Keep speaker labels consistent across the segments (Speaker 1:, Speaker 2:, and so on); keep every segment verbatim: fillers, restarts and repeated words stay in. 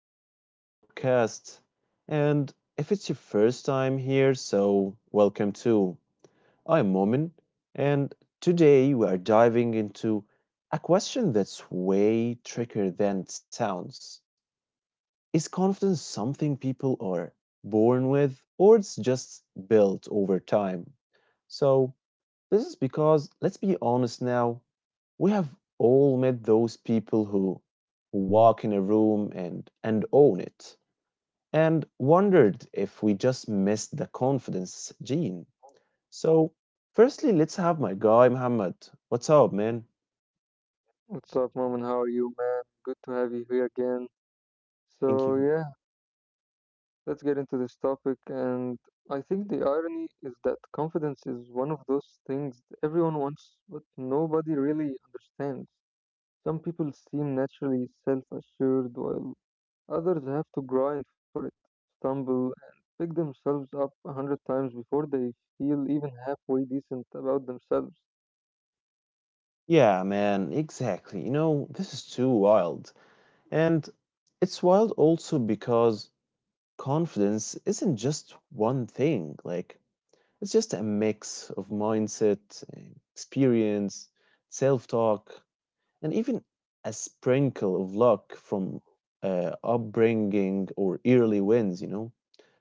Speaker 1: welcome back to the podcast. And if it's your first time here, so welcome too. I'm Momin, and today we are diving into a question that's way trickier than it sounds. Is confidence something people are born with, or it's just built over time? So, this is because, let's be honest now, we have all met those people who, who walk in a room and, and own it and wondered if we just missed the confidence gene. So, firstly, let's have my guy, Muhammad. What's up, man?
Speaker 2: What's up, Mom, and how are you, man? Good to have you here again.
Speaker 1: Thank
Speaker 2: So,
Speaker 1: you.
Speaker 2: yeah, let's get into this topic. And I think the irony is that confidence is one of those things that everyone wants, but nobody really understands. Some people seem naturally self assured, while others have to grind for it, stumble, and pick themselves up a hundred times before they feel even halfway decent about themselves.
Speaker 1: Yeah, man, exactly. You know, this is too wild. And it's wild also because confidence isn't just one thing. Like, it's just a mix of mindset, eh, experience, self talk, and even a sprinkle of luck from uh, upbringing or early wins, you know?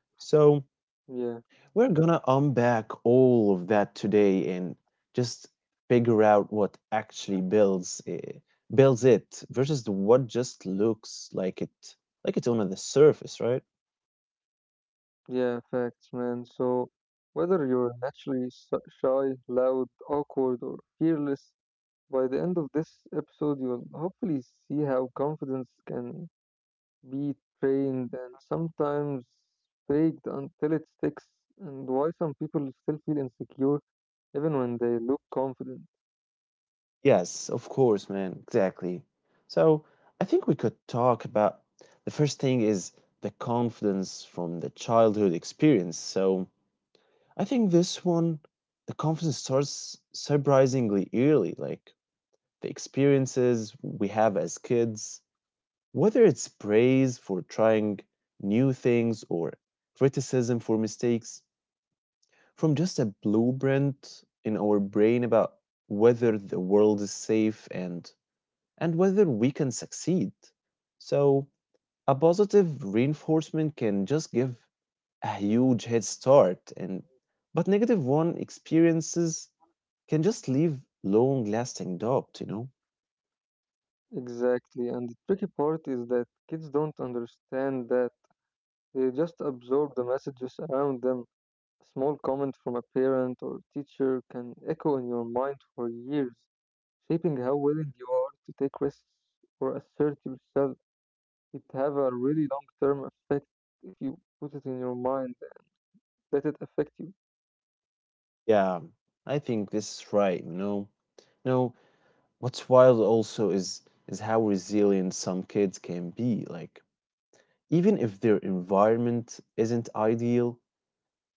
Speaker 1: So,
Speaker 2: Yeah.
Speaker 1: we're gonna unpack all of that today and just figure out what actually builds uh, builds it versus the what just looks like it like it's on the surface, right?
Speaker 2: Yeah, facts, man. So, whether you're naturally s- shy, loud, awkward, or fearless, by the end of this episode, you'll hopefully see how confidence can be trained and sometimes faked until it sticks, and why some people still feel insecure even when they look confident.
Speaker 1: Yes, of course, man. Exactly. So I think we could talk about the first thing is the confidence from the childhood experience. So I think this one, the confidence starts surprisingly early, like the experiences we have as kids, whether it's praise for trying new things or criticism for mistakes, from just a blueprint in our brain about whether the world is safe and and whether we can succeed. So, a positive reinforcement can just give a huge head start and but negative one experiences can just leave long lasting doubt, you know?
Speaker 2: Exactly, and the tricky part is that kids don't understand that. They just absorb the messages around them. A small comment from a parent or teacher can echo in your mind for years, shaping how willing you are to take risks or assert yourself. It have a really long-term effect if you put it in your mind, let it affect you.
Speaker 1: Yeah, I think this is right, you know. No, what's wild also is is how resilient some kids can be. Like even if their environment isn't ideal,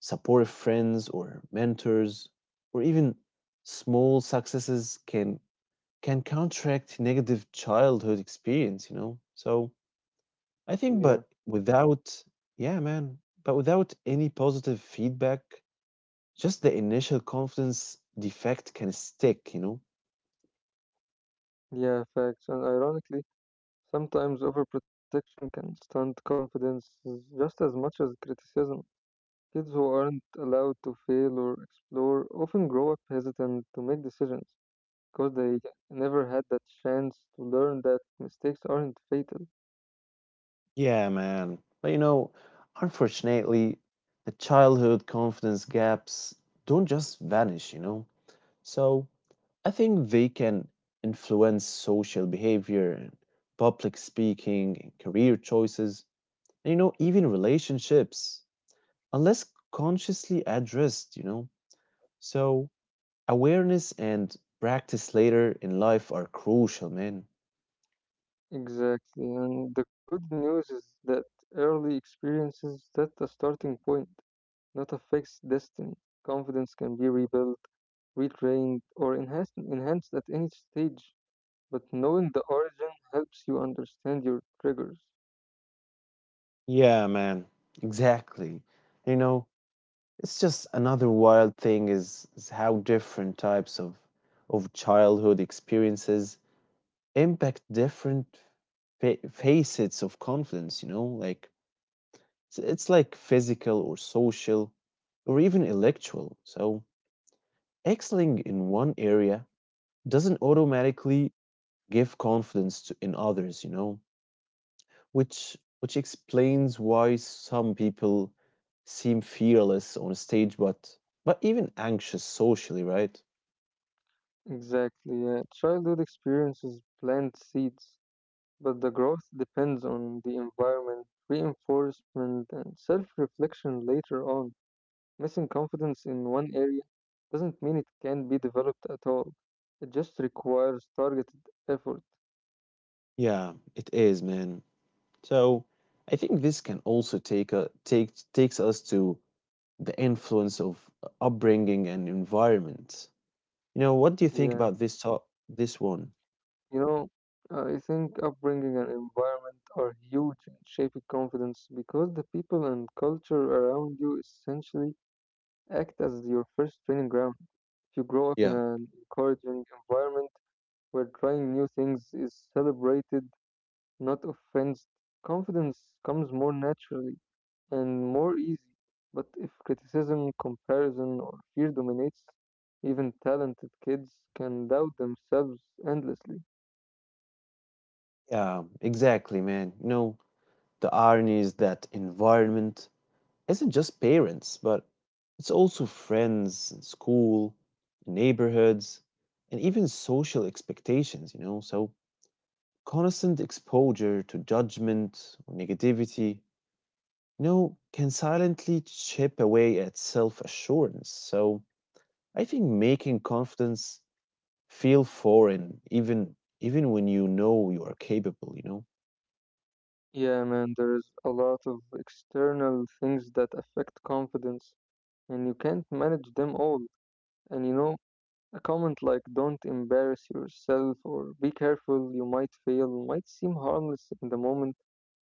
Speaker 1: supportive friends or mentors or even small successes can can counteract negative childhood experience, you know. So I think
Speaker 2: Yeah.
Speaker 1: but without yeah man, but without any positive feedback just the initial confidence defect can stick, you know?
Speaker 2: Yeah, facts. And ironically, sometimes overprotection can stunt confidence just as much as criticism. Kids who aren't allowed to fail or explore often grow up hesitant to make decisions, because they never had that chance to learn that mistakes aren't fatal.
Speaker 1: Yeah, man. But you know, unfortunately, the childhood confidence gaps don't just vanish, you know? So I think they can influence social behavior, and public speaking, and career choices, and you know, even relationships, unless consciously addressed, you know? So awareness and practice later in life are crucial, man.
Speaker 2: Exactly, and the good news is that early experiences set a starting point, not a fixed destiny. Confidence can be rebuilt, retrained, or enhanced, enhanced at any stage, but knowing the origin helps you understand your triggers.
Speaker 1: Yeah, man. Exactly. You know, it's just another wild thing is, is how different types of of childhood experiences impact different fa- facets of confidence, you know? Like it's, it's like physical or social or even intellectual. So, excelling in one area doesn't automatically give confidence to in others, you know? which which explains why some people seem fearless on a stage but but even anxious socially, right?
Speaker 2: Exactly, yeah. Childhood experiences plant seeds, but the growth depends on the environment, reinforcement, and self reflection later on. Missing confidence in one area doesn't mean it can't be developed at all, it just requires targeted effort.
Speaker 1: Yeah, it is, man. So I think this can also take a take takes us to the influence of upbringing and environment. You know, what do you think
Speaker 2: Yeah,
Speaker 1: about this talk this one?
Speaker 2: you know, I think upbringing and environment are huge in shaping confidence because the people and culture around you essentially act as your first training ground. If you grow up in
Speaker 1: Yeah,
Speaker 2: an encouraging environment, where trying new things is celebrated not offense. Confidence comes more naturally and more easy, but if criticism, comparison, or fear dominates, even talented kids can doubt themselves endlessly.
Speaker 1: yeah, exactly, man. You know, the irony is that environment isn't just parents, but it's also friends and school, neighborhoods, and even social expectations, you know. So constant exposure to judgment or negativity, you know, can silently chip away at self-assurance. So I think making confidence feel foreign even even when you know you are capable, you know.
Speaker 2: Yeah, man, there's a lot of external things that affect confidence, and you can't manage them all. And you know, a comment like don't embarrass yourself or be careful, you might fail might seem harmless in the moment,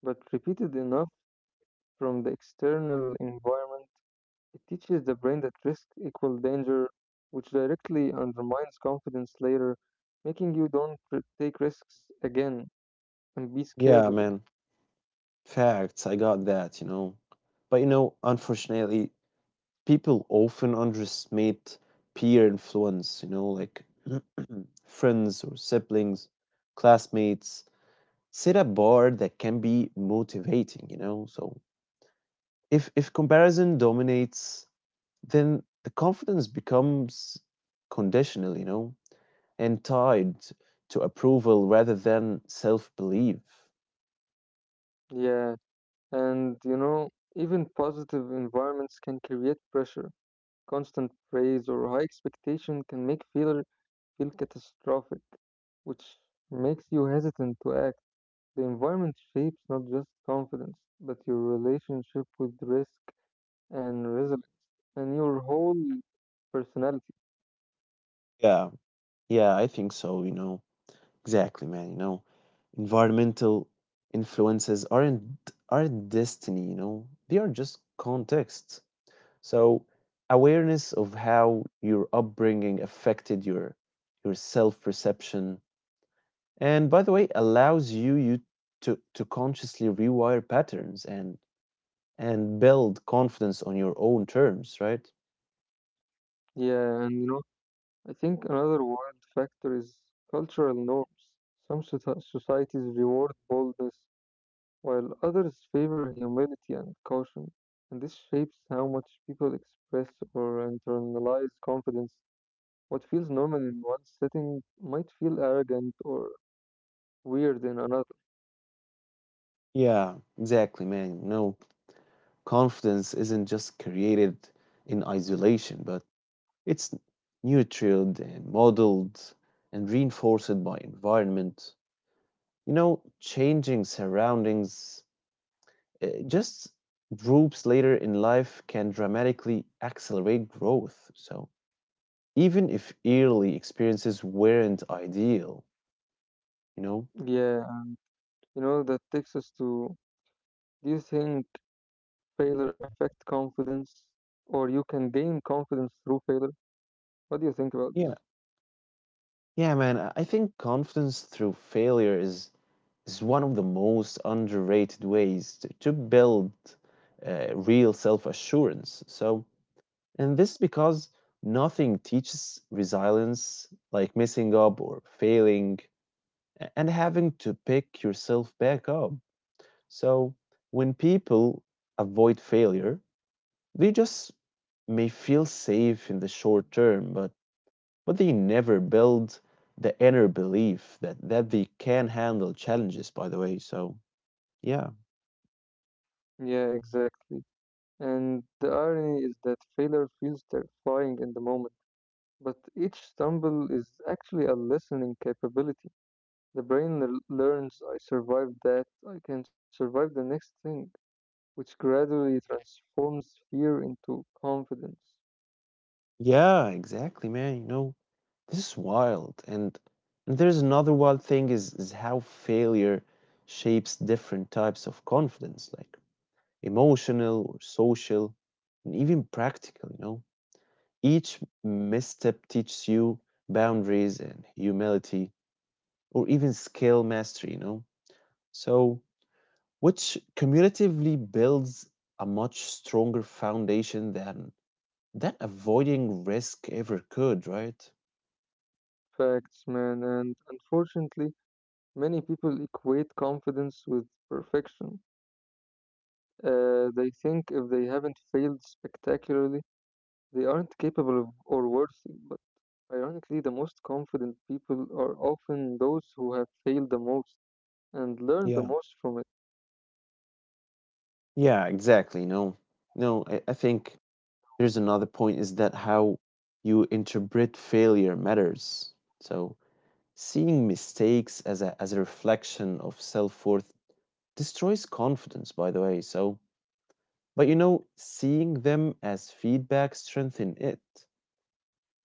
Speaker 2: but repeated enough from the external environment it teaches the brain that risk equals danger, which directly undermines confidence later, making you don't r- take risks again and be scared
Speaker 1: Yeah,
Speaker 2: of it.
Speaker 1: man. Facts, I got that, you know. But you know, unfortunately, people often underestimate peer influence, you know, like friends or siblings, classmates, set a bar that can be motivating, you know. So if if comparison dominates, then the confidence becomes conditional, you know, and tied to approval rather than self-belief.
Speaker 2: Yeah, and you know, even positive environments can create pressure. Constant praise or high expectation can make failure feel catastrophic, which makes you hesitant to act. The environment shapes not just confidence, but your relationship with risk and resilience and your whole personality.
Speaker 1: Yeah, yeah, I think so, you know. Exactly, man. You know, environmental influences aren't are not destiny, you know. They are just context. So awareness of how your upbringing affected your your self-perception and by the way allows you you to to consciously rewire patterns and and build confidence on your own terms, right?
Speaker 2: Yeah, and you know, I think another wild factor is cultural norms. Some soci- societies reward boldness, while others favor humility and caution. And this shapes how much people express or internalize confidence. What feels normal in one setting might feel arrogant or weird in another.
Speaker 1: Yeah, exactly, man. You know, confidence isn't just created in isolation, but it's nurtured and modeled and reinforced by environment. You know, changing surroundings uh, just groups later in life can dramatically accelerate growth. So, even if early experiences weren't ideal, you know?
Speaker 2: Yeah, you know, that takes us to do you think failure affect confidence or you can gain confidence through failure? What do you think about this?
Speaker 1: Yeah. Yeah, man, I I think confidence through failure is is one of the most underrated ways to, to build uh, real self-assurance. So, and this is because nothing teaches resilience like messing up or failing a- and having to pick yourself back up. So when people avoid failure, they just may feel safe in the short term, but but they never build the inner belief that that they can handle challenges by the way. So yeah.
Speaker 2: Yeah, exactly. And the irony is that failure feels terrifying in the moment, but each stumble is actually a listening capability. The brain l- learns I survived that, I can survive the next thing, which gradually transforms fear into confidence.
Speaker 1: Yeah, exactly, man. You know, this is wild. And and there's another wild thing is is how failure shapes different types of confidence, like emotional or social, and even practical, you know. Each misstep teaches you boundaries and humility or even skill mastery, you know. So, which cumulatively builds a much stronger foundation than that avoiding risk ever could, right?
Speaker 2: Facts, man, and unfortunately, many people equate confidence with perfection. Uh, they think if they haven't failed spectacularly, they aren't capable of, or worthy. But ironically, the most confident people are often those who have failed the most and
Speaker 1: Yeah.
Speaker 2: learned the most from it.
Speaker 1: Yeah, exactly. No, no, I, I think there's another point is that how you interpret failure matters. So seeing mistakes as a as a reflection of self-worth destroys confidence, by the way. So, but you know, seeing them as feedback strengthen it.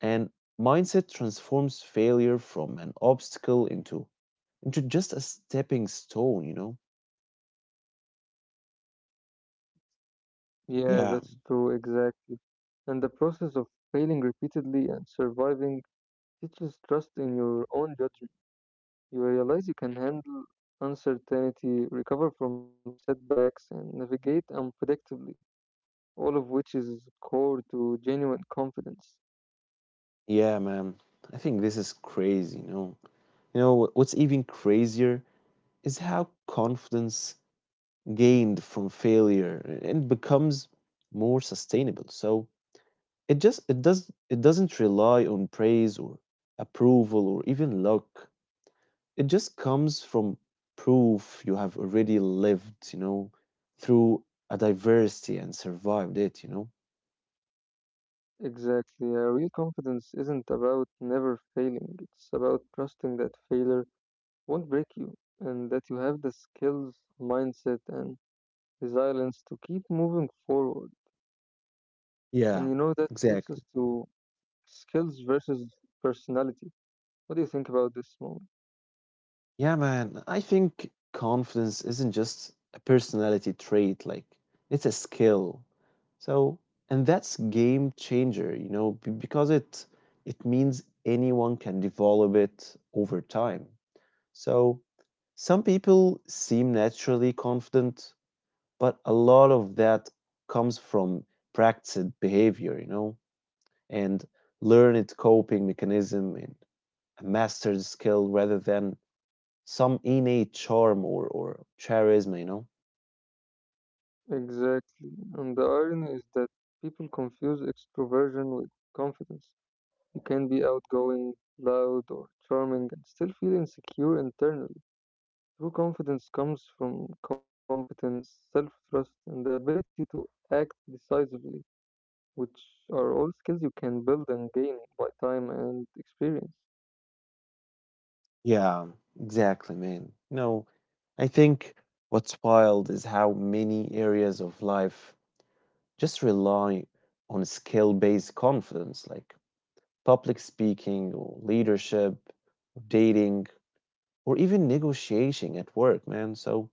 Speaker 1: And mindset transforms failure from an obstacle into into just a stepping stone, you know?
Speaker 2: Yeah,
Speaker 1: Yeah,
Speaker 2: that's true, exactly. And the process of failing repeatedly and surviving teaches trust in your own judgment. You realize you can handle uncertainty, recover from setbacks, and navigate unpredictably, all of which is core to genuine confidence.
Speaker 1: yeah, man. I think this is crazy, you know? You know, wh- what's even crazier is how confidence gained from failure and becomes more sustainable. So it just it does it doesn't rely on praise or approval or even luck. It just comes from proof you have already lived, you know, through a diversity and survived it, you know?
Speaker 2: Exactly. Uh, real confidence isn't about never failing, it's about trusting that failure won't break you and that you have the skills, mindset, and resilience to keep moving forward. And you
Speaker 1: Yeah,
Speaker 2: know, that takes us
Speaker 1: exactly.
Speaker 2: to skills versus personality. What do you think about this moment?
Speaker 1: Yeah, man. I think confidence isn't just a personality trait, like, it's a skill. So, and that's game changer, you know, be- because it it means anyone can develop it over time. So, some people seem naturally confident, but a lot of that comes from practiced behavior, you know, and learned coping mechanism and a mastered skill rather than some innate charm or or charisma, you know?
Speaker 2: Exactly. And the irony is that people confuse extroversion with confidence. You can be outgoing, loud, or charming and still feel insecure internally. True confidence comes from competence, self trust, and the ability to act decisively, which are all skills you can build and gain by time and experience.
Speaker 1: Yeah, exactly, man. You know, I think what's wild is how many areas of life just rely on skill based confidence, like public speaking or leadership, dating, or even negotiating at work, man. So,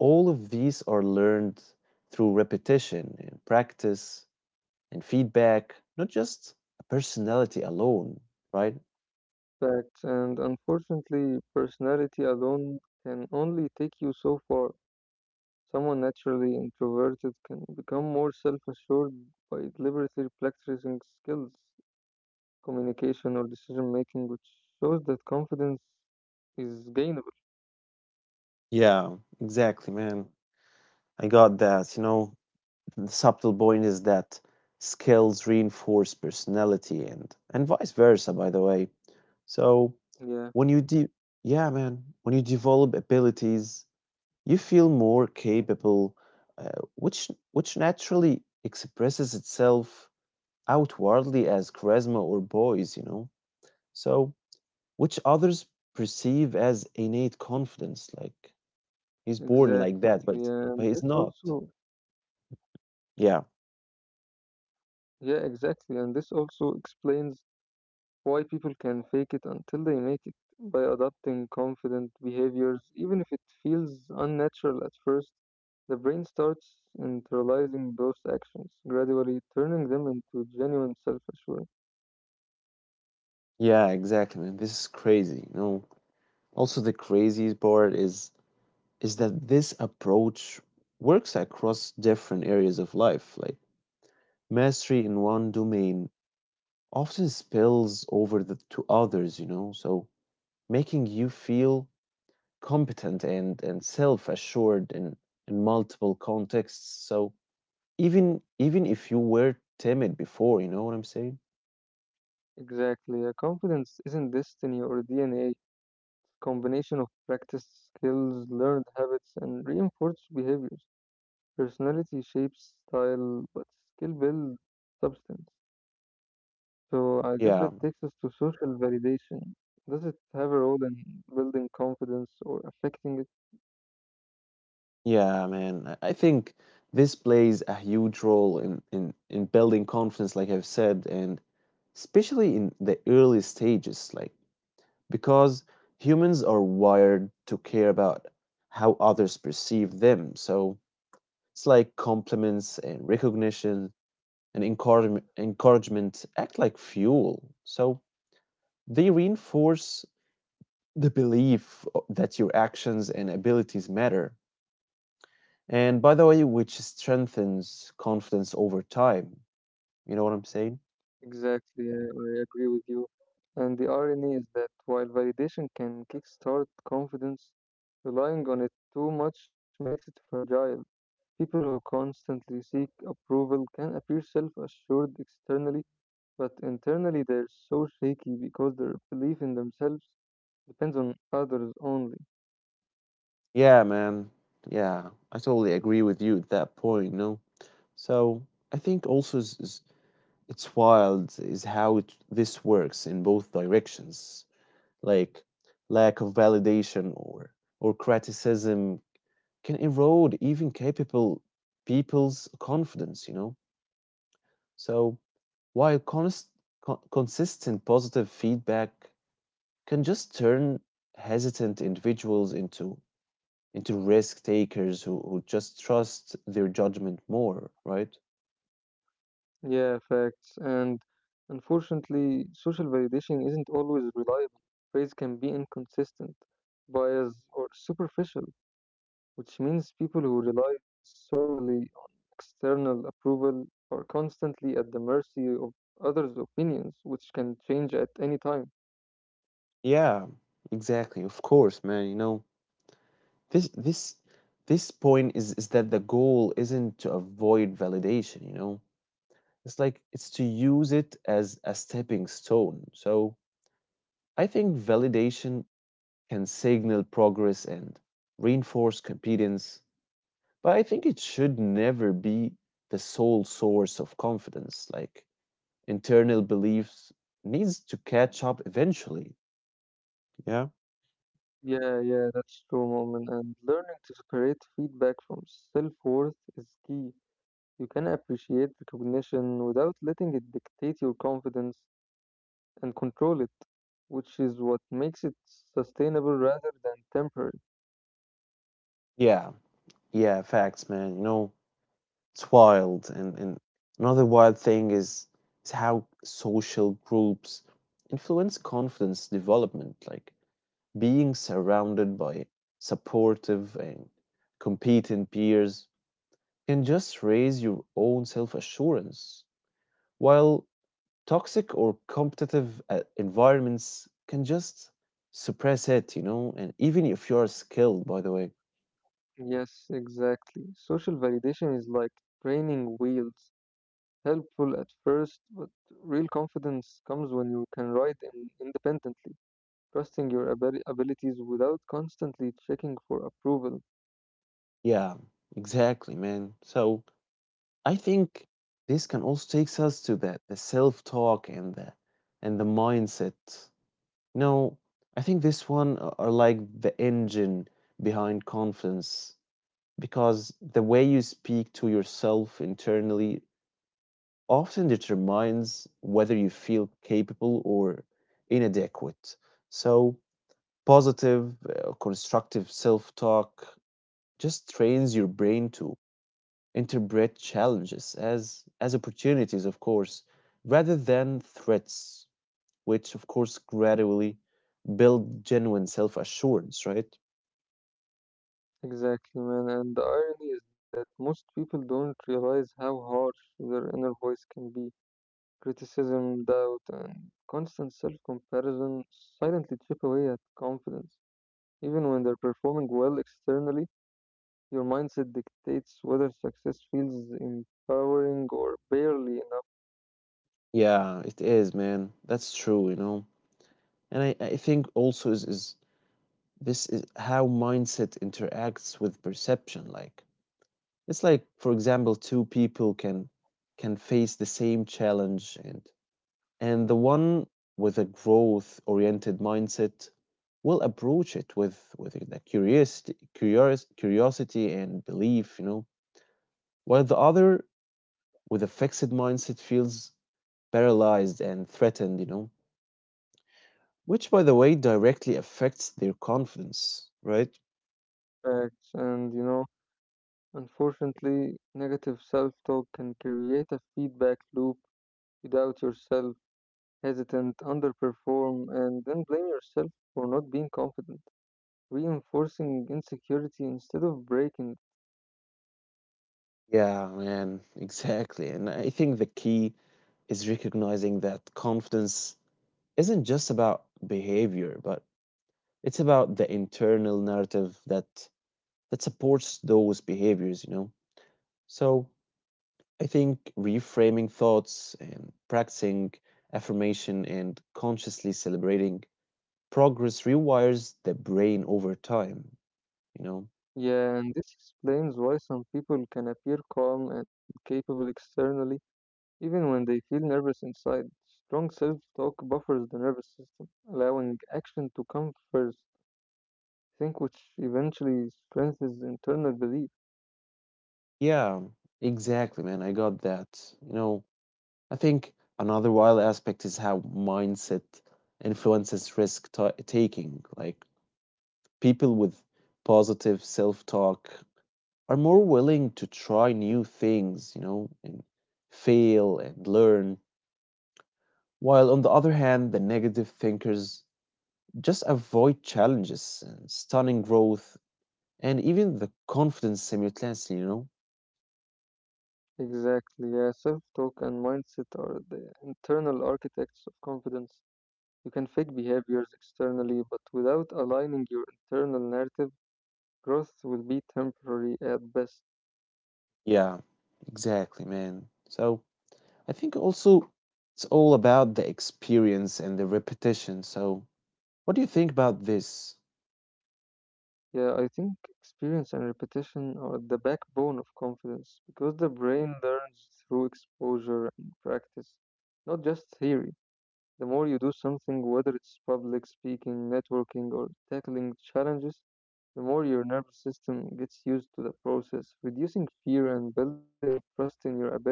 Speaker 1: all of these are learned through repetition and practice and feedback, not just a personality alone, right?
Speaker 2: Facts, and unfortunately, personality alone can only take you so far. Someone naturally introverted can become more self assured by deliberately practicing skills, communication, or decision making, which shows that confidence is gainable.
Speaker 1: Yeah, exactly, man. I got that. You know, the subtle point is that skills reinforce personality and and vice versa, by the way. So
Speaker 2: Yeah.
Speaker 1: when you de yeah, man, when you develop abilities, you feel more capable, uh, which which naturally expresses itself outwardly as charisma or poise, you know. So which others perceive as innate confidence, like he's born like
Speaker 2: Exactly,
Speaker 1: that, but
Speaker 2: and
Speaker 1: but
Speaker 2: this
Speaker 1: he's not.
Speaker 2: also,
Speaker 1: Yeah,
Speaker 2: yeah, exactly, and this also explains why people can fake it until they make it by adopting confident behaviors, even if it feels unnatural at first. The brain starts internalizing those actions, gradually turning them into genuine self-assurance.
Speaker 1: yeah, exactly, man. This is crazy. You know, also the craziest part is is that this approach works across different areas of life. Like mastery in one domain often spills over the, to others. You know, so making you feel competent and and self assured in in multiple contexts. So even even if you were timid before, you know what I'm saying?
Speaker 2: Exactly, a confidence isn't destiny or D N A, it's a combination of practiced skills, learned habits, and reinforced behaviors. Personality shapes style, but skill builds substance. So I guess
Speaker 1: Yeah.
Speaker 2: that takes us to social validation. Does it have a role in building confidence or affecting it?
Speaker 1: Yeah, man. I I think this plays a huge role in, in, in building confidence, like I've said, and especially in the early stages, like because humans are wired to care about how others perceive them. So it's like compliments and recognition and encouragement, encouragement act like fuel. So they reinforce the belief o- that your actions and abilities matter. And by the way, which strengthens confidence over time. You know what I'm saying?
Speaker 2: Exactly, I, I agree with you. And the irony is that while validation can kickstart confidence, relying on it too much makes it fragile. People who constantly seek approval can appear self assured externally, but internally they're so shaky because their belief in themselves depends on others only.
Speaker 1: Yeah, man. Yeah, I totally agree with you at that point. No, so I think also is, is- it's wild is how it, this works in both directions. Like lack of validation or or criticism can erode even capable people's confidence, you know? So while const, con- consistent positive feedback can just turn hesitant individuals into into risk takers who, who just trust their judgment more, right?
Speaker 2: Yeah, facts. And unfortunately, social validation isn't always reliable. Praise can be inconsistent, biased, or superficial, which means people who rely solely on external approval are constantly at the mercy of others' opinions, which can change at any time.
Speaker 1: Yeah, exactly. Of course, man. You know, this this this point is is that the goal isn't to avoid validation, you know. It's like it's to use it as a stepping stone. So I think validation can signal progress and reinforce competence. But I think it should never be the sole source of confidence. Like internal beliefs needs to catch up eventually. Yeah.
Speaker 2: Yeah, yeah, that's true, moment. And learning to separate feedback from self worth is key. You can appreciate recognition without letting it dictate your confidence and control it, which is what makes it sustainable rather than temporary.
Speaker 1: Yeah, yeah, facts, man. You know, it's wild. And, and another wild thing is is how social groups influence confidence development. Like being surrounded by supportive and competent peers can just raise your own self-assurance, while toxic or competitive uh, environments can just suppress it, you know, and even if you're skilled, by the way.
Speaker 2: Yes, exactly. Social validation is like training wheels, helpful at first, but real confidence comes when you can ride in independently, trusting your abi- abilities without constantly checking for approval.
Speaker 1: Yeah, exactly, man. So I think this can also takes us to the, the self-talk and the and the mindset. You know, I think this one a- are like the engine behind confidence because the way you speak to yourself internally often determines whether you feel capable or inadequate. So, positive, uh, constructive self talk just trains your brain to interpret challenges as, as opportunities, of course, rather than threats, which, of course, gradually build genuine self assurance, right?
Speaker 2: Exactly, man. And the irony is that most people don't realize how harsh their inner voice can be. Criticism, doubt, and constant self comparison silently chip away at confidence. Even when they're performing well externally, your mindset dictates whether success feels empowering or barely
Speaker 1: Yeah, it is, man. That's true, you know. And I, I think also is, is this is how mindset interacts with perception. Like it's like, for example, two people can can face the same challenge and and the one with a growth oriented mindset will approach it with with the curiosity curios, curiosity and belief, you know, while the other with a fixed mindset feels paralyzed and threatened, you know, which by the way directly affects their confidence, right?
Speaker 2: enough acts. And you know, unfortunately, negative self talk can create a feedback loop. You doubt yourself, hesitant, underperform, and then blame yourself for not being confident, reinforcing insecurity instead of breaking.
Speaker 1: Yeah, man, exactly. And I think the key is recognizing that confidence isn't just about behavior, but it's about the internal narrative that that supports those behaviors, you know. So I think reframing thoughts and practicing affirmation and consciously celebrating progress rewires the brain over time, you know.
Speaker 2: Yeah, and this explains why some people can appear calm and capable externally even when they feel nervous inside. Strong self-talk buffers the nervous system, allowing action to come first, think which eventually strengthens internal belief.
Speaker 1: Yeah, exactly, man. I got that. You know, I think another wild aspect is how mindset influences risk ta taking. Like people with positive self-talk are more willing to try new things, you know, and fail and learn. While on the other hand, the negative thinkers just avoid challenges and stunning growth and even the confidence simultaneously, you know?
Speaker 2: Exactly, yeah, self-talk and mindset are the internal architects of confidence. You can fake behaviors externally, but without aligning your internal narrative, growth will be temporary at best.
Speaker 1: Yeah, exactly, man. So I think also it's all about the experience and the repetition. So, what do you think about this?
Speaker 2: Yeah, I think experience and repetition are the backbone of confidence because the brain learns through exposure and practice, not just theory. The more you do something, whether it's public speaking, networking, or tackling challenges, the more your nervous system gets used to the process, reducing fear and building trust in your abilities.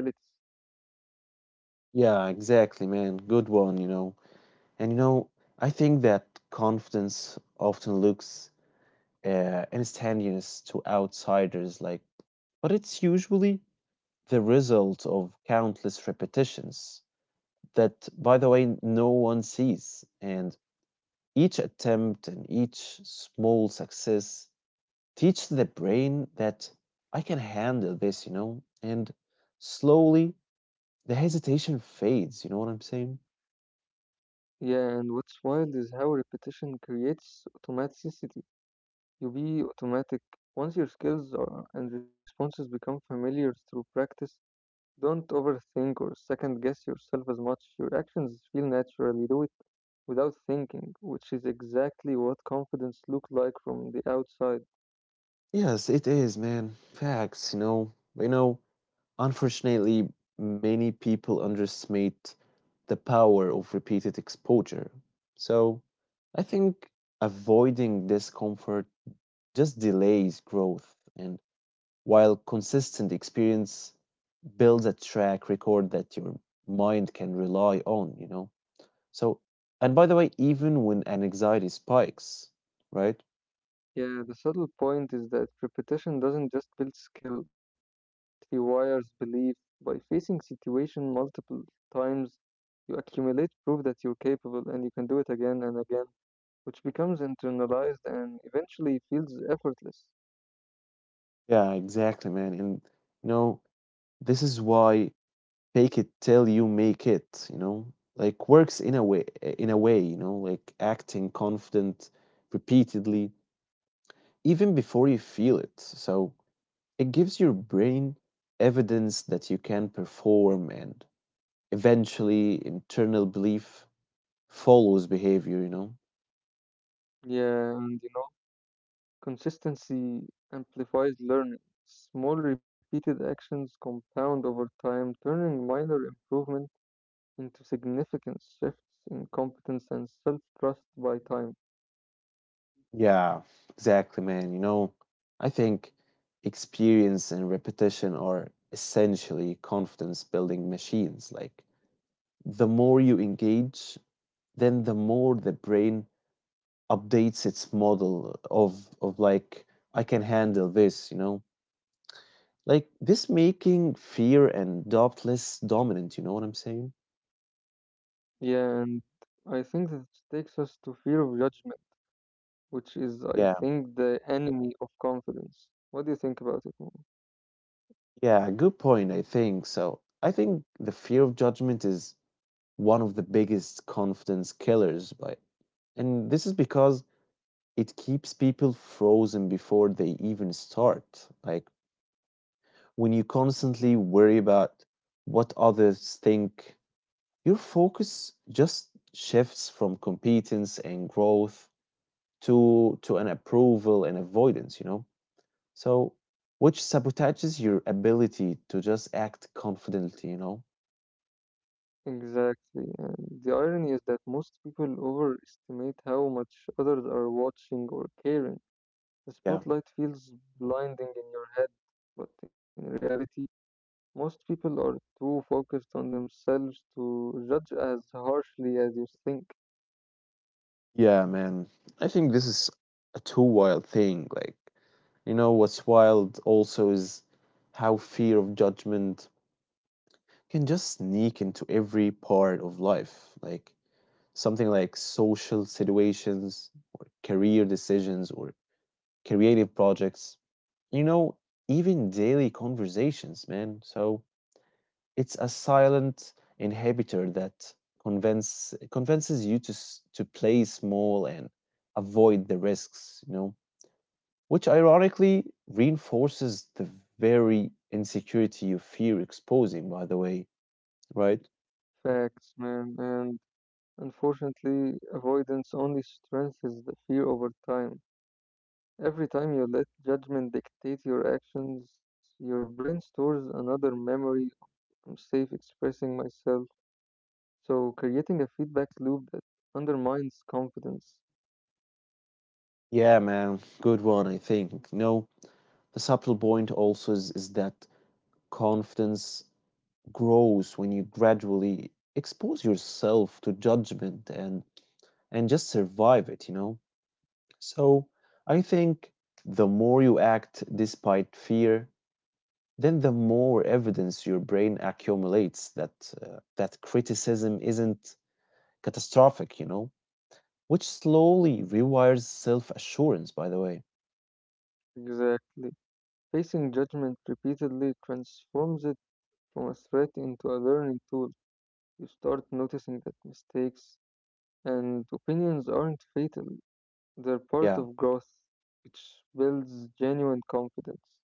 Speaker 1: Yeah, exactly, man. Good one, you know. And you know, I think that confidence often looks uh, instantaneous to outsiders, like, but it's usually the result of countless repetitions that, by the way, no one sees. And each attempt and each small success teach the brain that I can handle this, you know, and slowly the hesitation fades, you know what I'm saying?
Speaker 2: Yeah, and what's wild is how repetition creates automaticity. You be automatic. Once your skills are, and responses become familiar through practice, don't overthink or second guess yourself as much. Your actions feel naturally do it without thinking, which is exactly what confidence looks like from the outside.
Speaker 1: Yes, it is, man. Facts, you know. You know, unfortunately, many people underestimate the power of repeated exposure. So, I think avoiding discomfort just delays growth and while consistent experience builds a track record that your mind can rely on, you know? So, and by the way, even when an anxiety spikes, right?
Speaker 2: Yeah, the subtle point is that repetition doesn't just build skill, it rewires belief. By facing situation multiple times, you accumulate proof that you're capable and you can do it again and again, which becomes internalized and eventually feels effortless.
Speaker 1: Yeah, exactly, man. And, you know, this is why fake it till you make it, you know? Like works in a way, in a way, you know, like acting confident repeatedly, even before you feel it. So it gives your brain evidence that you can perform and eventually internal belief follows behavior, you know?
Speaker 2: Yeah, and you know consistency amplifies learning. Small repeated actions compound over time, turning minor improvement into significant shifts in competence and self trust by time.
Speaker 1: Yeah, exactly, man. You know, I think experience and repetition are essentially confidence building machines. Like, the more you engage, then the more the brain updates its model of, of like, I can handle this, you know? Like, this making fear and doubt less dominant, you know what I'm saying?
Speaker 2: Yeah, and I think that takes us to fear of judgment, which is, I
Speaker 1: Yeah.
Speaker 2: think, the enemy of confidence. What do you think about it, Mo?
Speaker 1: Yeah, good point, I think. So, I think the fear of judgment is one of the biggest confidence killers, but and this is because it keeps people frozen before they even start. Like when you constantly worry about what others think, your focus just shifts from competence and growth to to an approval and avoidance, you know? So, which sabotages your ability to just act confidently, you know?
Speaker 2: Exactly. And the irony is that most people overestimate how much others are watching or caring. The
Speaker 1: Yeah.
Speaker 2: spotlight feels blinding in your head, but in reality, most people are too focused on themselves to judge as harshly as you think.
Speaker 1: Yeah, man. I think this is a too wild thing. Like, you know, what's wild also is how fear of judgment can just sneak into every part of life. Like, something like social situations, or career decisions, or creative projects, you know, even daily conversations, man. So it's a silent inhibitor that convince, convinces you to, s- to play small and avoid the risks, you know? Which ironically reinforces the very insecurity you fear exposing, by the way, right?
Speaker 2: Facts, man, and unfortunately, avoidance only strengthens the fear over time. Every time you let judgment dictate your actions, your brain stores another memory I'm safe expressing myself, so creating a feedback loop that undermines confidence.
Speaker 1: Yeah, man, good one, I think. No, the subtle point also is, is that confidence grows when you gradually expose yourself to judgment and and just survive it, you know? So, I think the more you act despite fear, then the more evidence your brain accumulates that uh, that criticism isn't catastrophic, you know, which slowly rewires self assurance, by the way.
Speaker 2: Exactly. Facing judgment repeatedly transforms it from a threat into a learning tool. You start noticing that mistakes and opinions aren't fatal, they're part
Speaker 1: Yeah.
Speaker 2: of growth, which builds genuine confidence.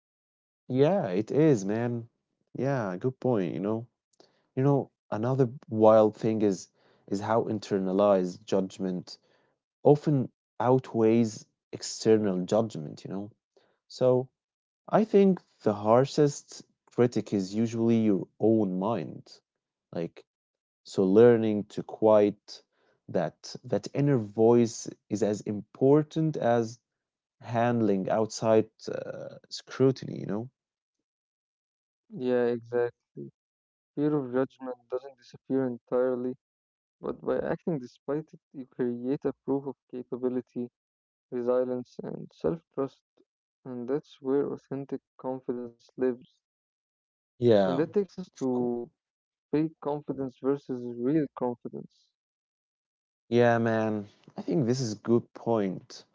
Speaker 1: Yeah, it is, man. Yeah, good point, you know. You know, another wild thing is is how internalized judgment often outweighs external judgment, you know. So, I think the harshest critic is usually your own mind. Like, so learning to quiet that that inner voice is as important as handling outside uh, scrutiny, you know?
Speaker 2: Yeah, exactly. Fear of judgment doesn't disappear entirely, but by acting despite it, you create a proof of capability, resilience, and self trust. And that's where authentic confidence lives. And
Speaker 1: Yeah,
Speaker 2: that takes us
Speaker 1: of course.
Speaker 2: to fake confidence versus real confidence.
Speaker 1: Yeah, man. I think this is good point.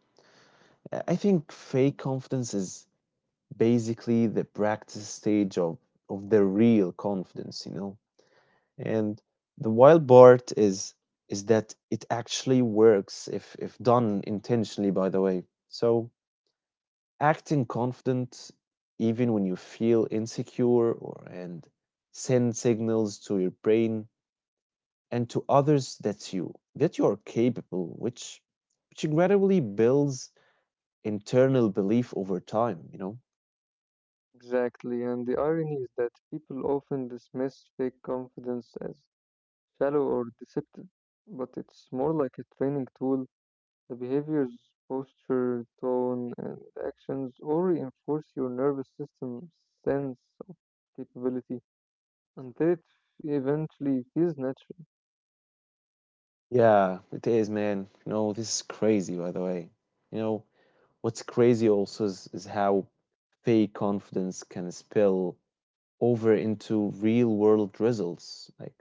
Speaker 1: Uh, I think fake confidence is basically the practice stage of of the real confidence, you know. And the wild part is is that it actually works if if done intentionally, by the way. So acting confident even when you feel insecure or and send signals to your brain and to others that you that you are capable, which which gradually builds internal belief over time, you know?
Speaker 2: Exactly, and the irony is that people often dismiss fake confidence as shallow or deceptive, but it's more like a training tool. The behaviors, posture, tone, and actions all reinforce your nervous system's sense of capability until it eventually feels natural.
Speaker 1: Yeah, it is, man. You know, this is crazy, by the way. You know, what's crazy also is, is how fake confidence can spill over into real world results. Like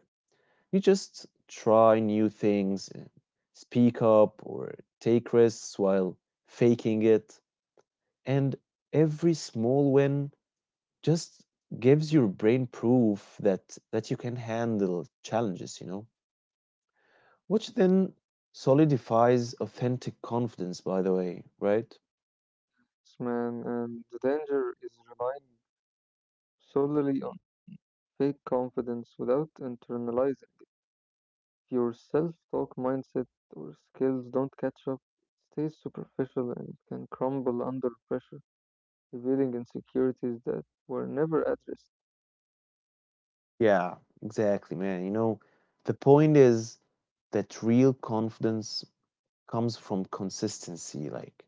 Speaker 1: you just try new things, and speak up, or take risks while faking it. And every small win just gives your brain proof that, that you can handle challenges, you know? Which then solidifies authentic confidence, by the way, right?
Speaker 2: Yes, man, and the danger is relying solely on fake confidence without internalizing. If your self-talk, mindset, or skills don't catch up, it stays superficial and it can crumble under pressure, revealing insecurities that were never addressed.
Speaker 1: Yeah, exactly, man. You know, the point is that real confidence comes from consistency like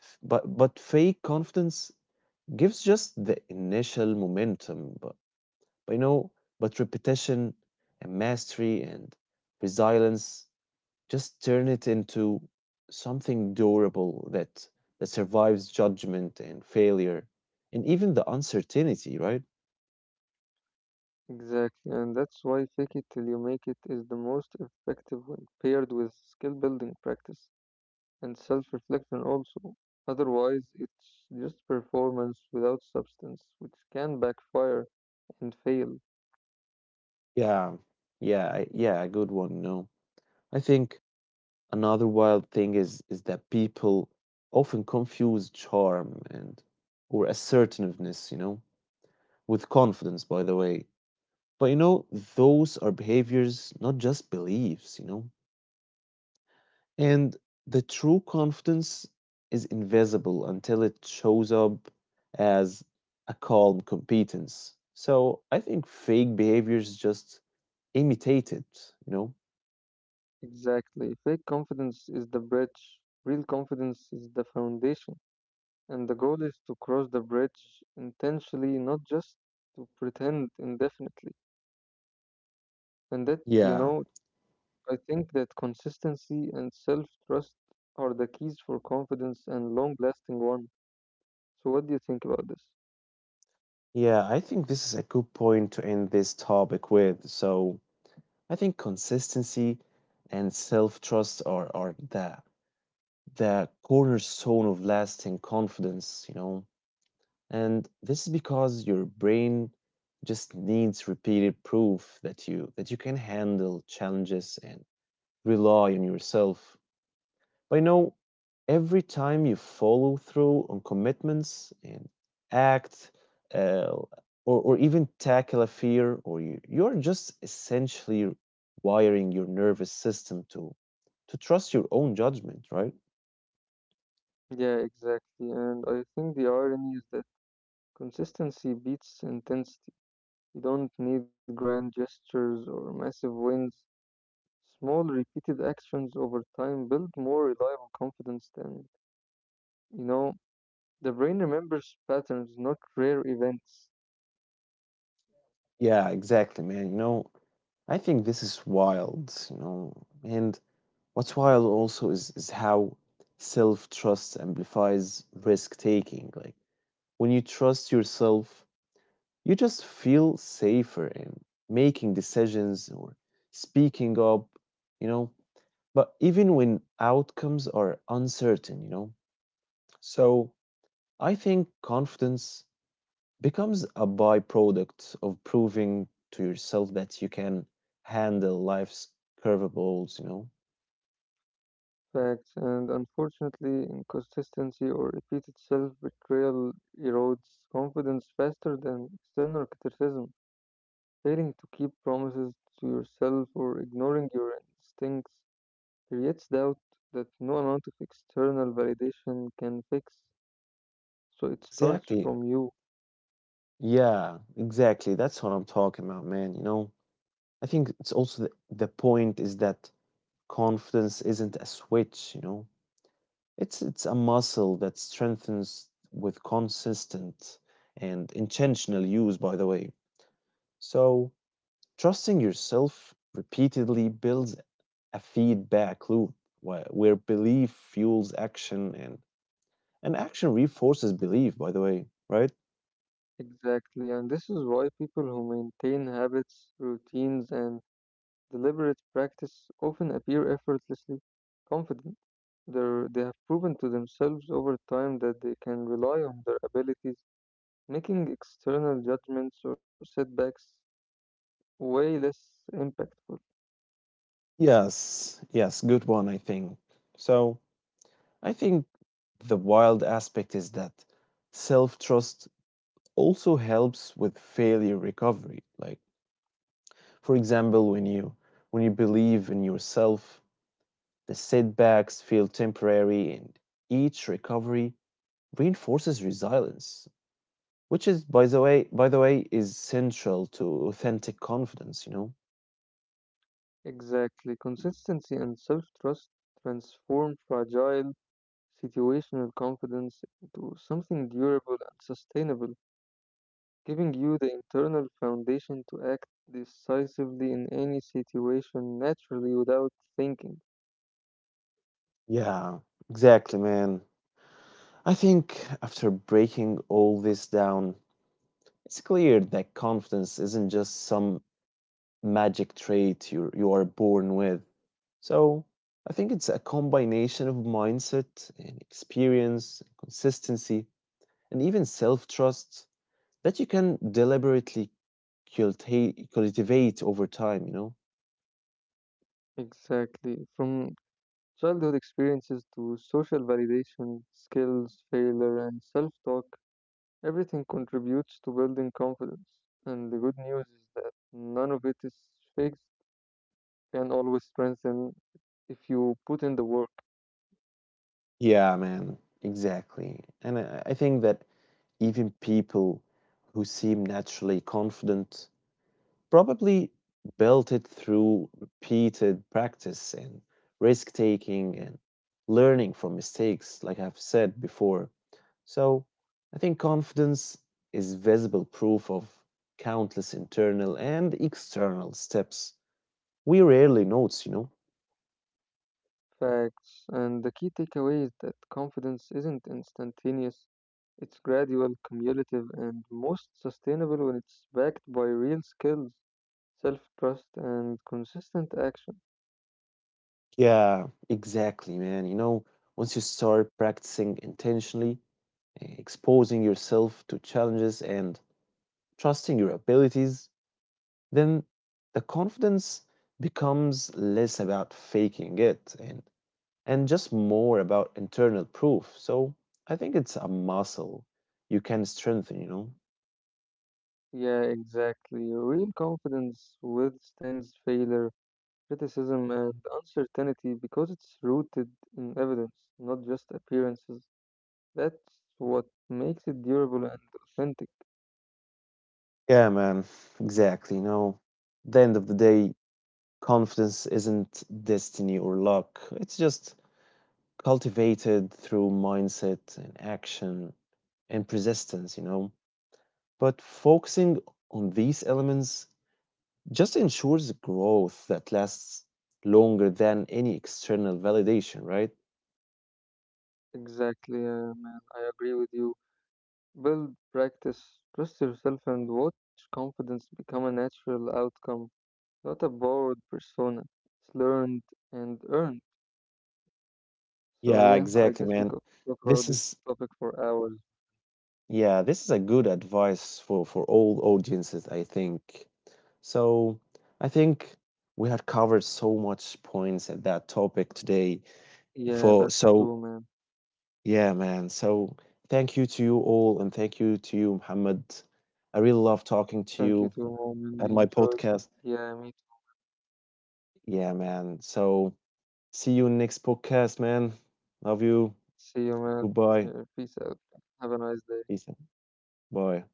Speaker 1: f- but but fake confidence gives just the initial momentum, but, but you know, but repetition and mastery and resilience just turn it into something durable that that survives judgment and failure and even the uncertainty, right?
Speaker 2: Exactly, and that's why fake it till you make it is the most effective when paired with skill building practice and self reflection also. Otherwise, it's just performance without substance, which can backfire and fail.
Speaker 1: Yeah, yeah, I- yeah, a good one. No, I think another wild thing is is that people often confuse charm and or assertiveness, you know, with confidence. By the way, but you know, those are behaviors, not just beliefs, you know? And the true confidence is invisible until it shows up as a calm competence. So I think fake behaviors just imitate it, you know?
Speaker 2: Exactly. Fake confidence is the bridge, real confidence is the foundation. And the goal is to cross the bridge intentionally, not just to pretend indefinitely. And that, you know,
Speaker 1: Yeah.
Speaker 2: I think that consistency and self trust are the keys for confidence and long lasting one. So, what do you think about this?
Speaker 1: Yeah, I think this is a good point to end this topic with. So I think consistency and self trust are, are the the cornerstone of lasting confidence, you know. And this is because your brain just needs repeated proof that you that you can handle challenges and rely on yourself. But you know, every time you follow through on commitments and act uh, or, or even tackle a fear or you you're just essentially wiring your nervous system to to trust your own judgment, right?
Speaker 2: Yeah, exactly. And I think the irony is that consistency beats intensity. You don't need grand gestures or massive wins. Small, repeated actions over time build more reliable confidence than, you know, the brain remembers patterns, not rare events,
Speaker 1: Yeah, exactly, man. You know, I think this is wild, you know. And what's wild also is, is how self trust amplifies risk taking. Like when you trust yourself, you just feel safer in making decisions or speaking up, you know. But even when outcomes are uncertain, you know. So I think confidence becomes a byproduct of proving to yourself that you can handle life's curveballs, you know.
Speaker 2: facts, and unfortunately, inconsistency or repeated self betrayal erodes confidence faster than external criticism. Failing to keep promises to yourself or ignoring your instincts creates doubt that no amount of external validation can fix, so it starts
Speaker 1: Exactly.
Speaker 2: from you.
Speaker 1: Yeah, exactly. That's what I'm talking about, man. You know, I think it's also the, the point is that confidence isn't a switch, you know. It's it's a muscle that strengthens with consistent and intentional use, by the way. So, trusting yourself repeatedly builds a feedback loop where, where belief fuels action and and action reinforces belief, by the way, right?
Speaker 2: Exactly, and this is why people who maintain habits, routines, and deliberate practice often appear effortlessly confident. They're, they have proven to themselves over time that they can rely on their abilities, making external judgments or setbacks way less impactful.
Speaker 1: Yes, yes, good one, I think. So, I think the wild aspect is that self trust also helps with failure recovery. Like, for example, when you when you believe in yourself, the setbacks feel temporary, and each recovery reinforces resilience, which is, by the way, by the way, is central to authentic confidence, you know?
Speaker 2: Exactly, consistency and self trust transform fragile situational confidence into something durable and sustainable, giving you the internal foundation to act decisively in any situation naturally without thinking.
Speaker 1: Yeah, exactly, man. I think after breaking all this down, it's clear that confidence isn't just some magic trait you you are born with. So I think it's a combination of mindset and experience, consistency, and even self-trust that you can deliberately cultivate cultivate over time, you know?
Speaker 2: Exactly. From childhood experiences to social validation, skills, failure, and self talk, everything contributes to building confidence. And the good news is that none of it is fixed, can always strengthen if you put in the work,
Speaker 1: Yeah, man, exactly. And I, I think that even people who seem naturally confident probably built it through repeated practice and risk taking and learning from mistakes, like I've said before. So I think confidence is visible proof of countless internal and external steps we rarely notice, you know?
Speaker 2: facts, and the key takeaway is that confidence isn't instantaneous, it's gradual, cumulative, and most sustainable when it's backed by real skills, self trust, and consistent action.
Speaker 1: Yeah, exactly, man. You know, once you start practicing intentionally, eh, exposing yourself to challenges and trusting your abilities, then the confidence becomes less about faking it and, and just more about internal proof. So I think it's a muscle you can strengthen, you know?
Speaker 2: Yeah, exactly. Real confidence withstands failure, criticism, and uncertainty because it's rooted in evidence, not just appearances. That's what makes it durable and authentic.
Speaker 1: Yeah, man, exactly. You know, at the end of the day, confidence isn't destiny or luck, it's just cultivated through mindset and action and persistence, you know. But focusing on these elements just ensures growth that lasts longer than any external validation, right?
Speaker 2: Exactly, uh, man. I agree with you. Build, practice, trust yourself, and watch confidence become a natural outcome. Not a borrowed persona. It's learned and earned.
Speaker 1: Yeah,
Speaker 2: So yeah,
Speaker 1: exactly,
Speaker 2: I guess
Speaker 1: man.
Speaker 2: we could talk
Speaker 1: This is
Speaker 2: about this topic for hours.
Speaker 1: yeah, this is a good advice for for all audiences, I think. So, I think we had covered so much points at that topic today.
Speaker 2: Yeah,
Speaker 1: For
Speaker 2: that's
Speaker 1: so
Speaker 2: true, man.
Speaker 1: yeah, man. So thank you to you all, and thank you to you, Muhammad. I really love talking to
Speaker 2: Thank
Speaker 1: you
Speaker 2: you too, Mom.
Speaker 1: at
Speaker 2: You
Speaker 1: my
Speaker 2: enjoyed.
Speaker 1: podcast.
Speaker 2: Yeah, me too.
Speaker 1: Yeah, man. So see you next podcast, man. Love you.
Speaker 2: See you, man.
Speaker 1: Goodbye,
Speaker 2: Yeah, peace out. Have a nice day.
Speaker 1: Ethan. Bye.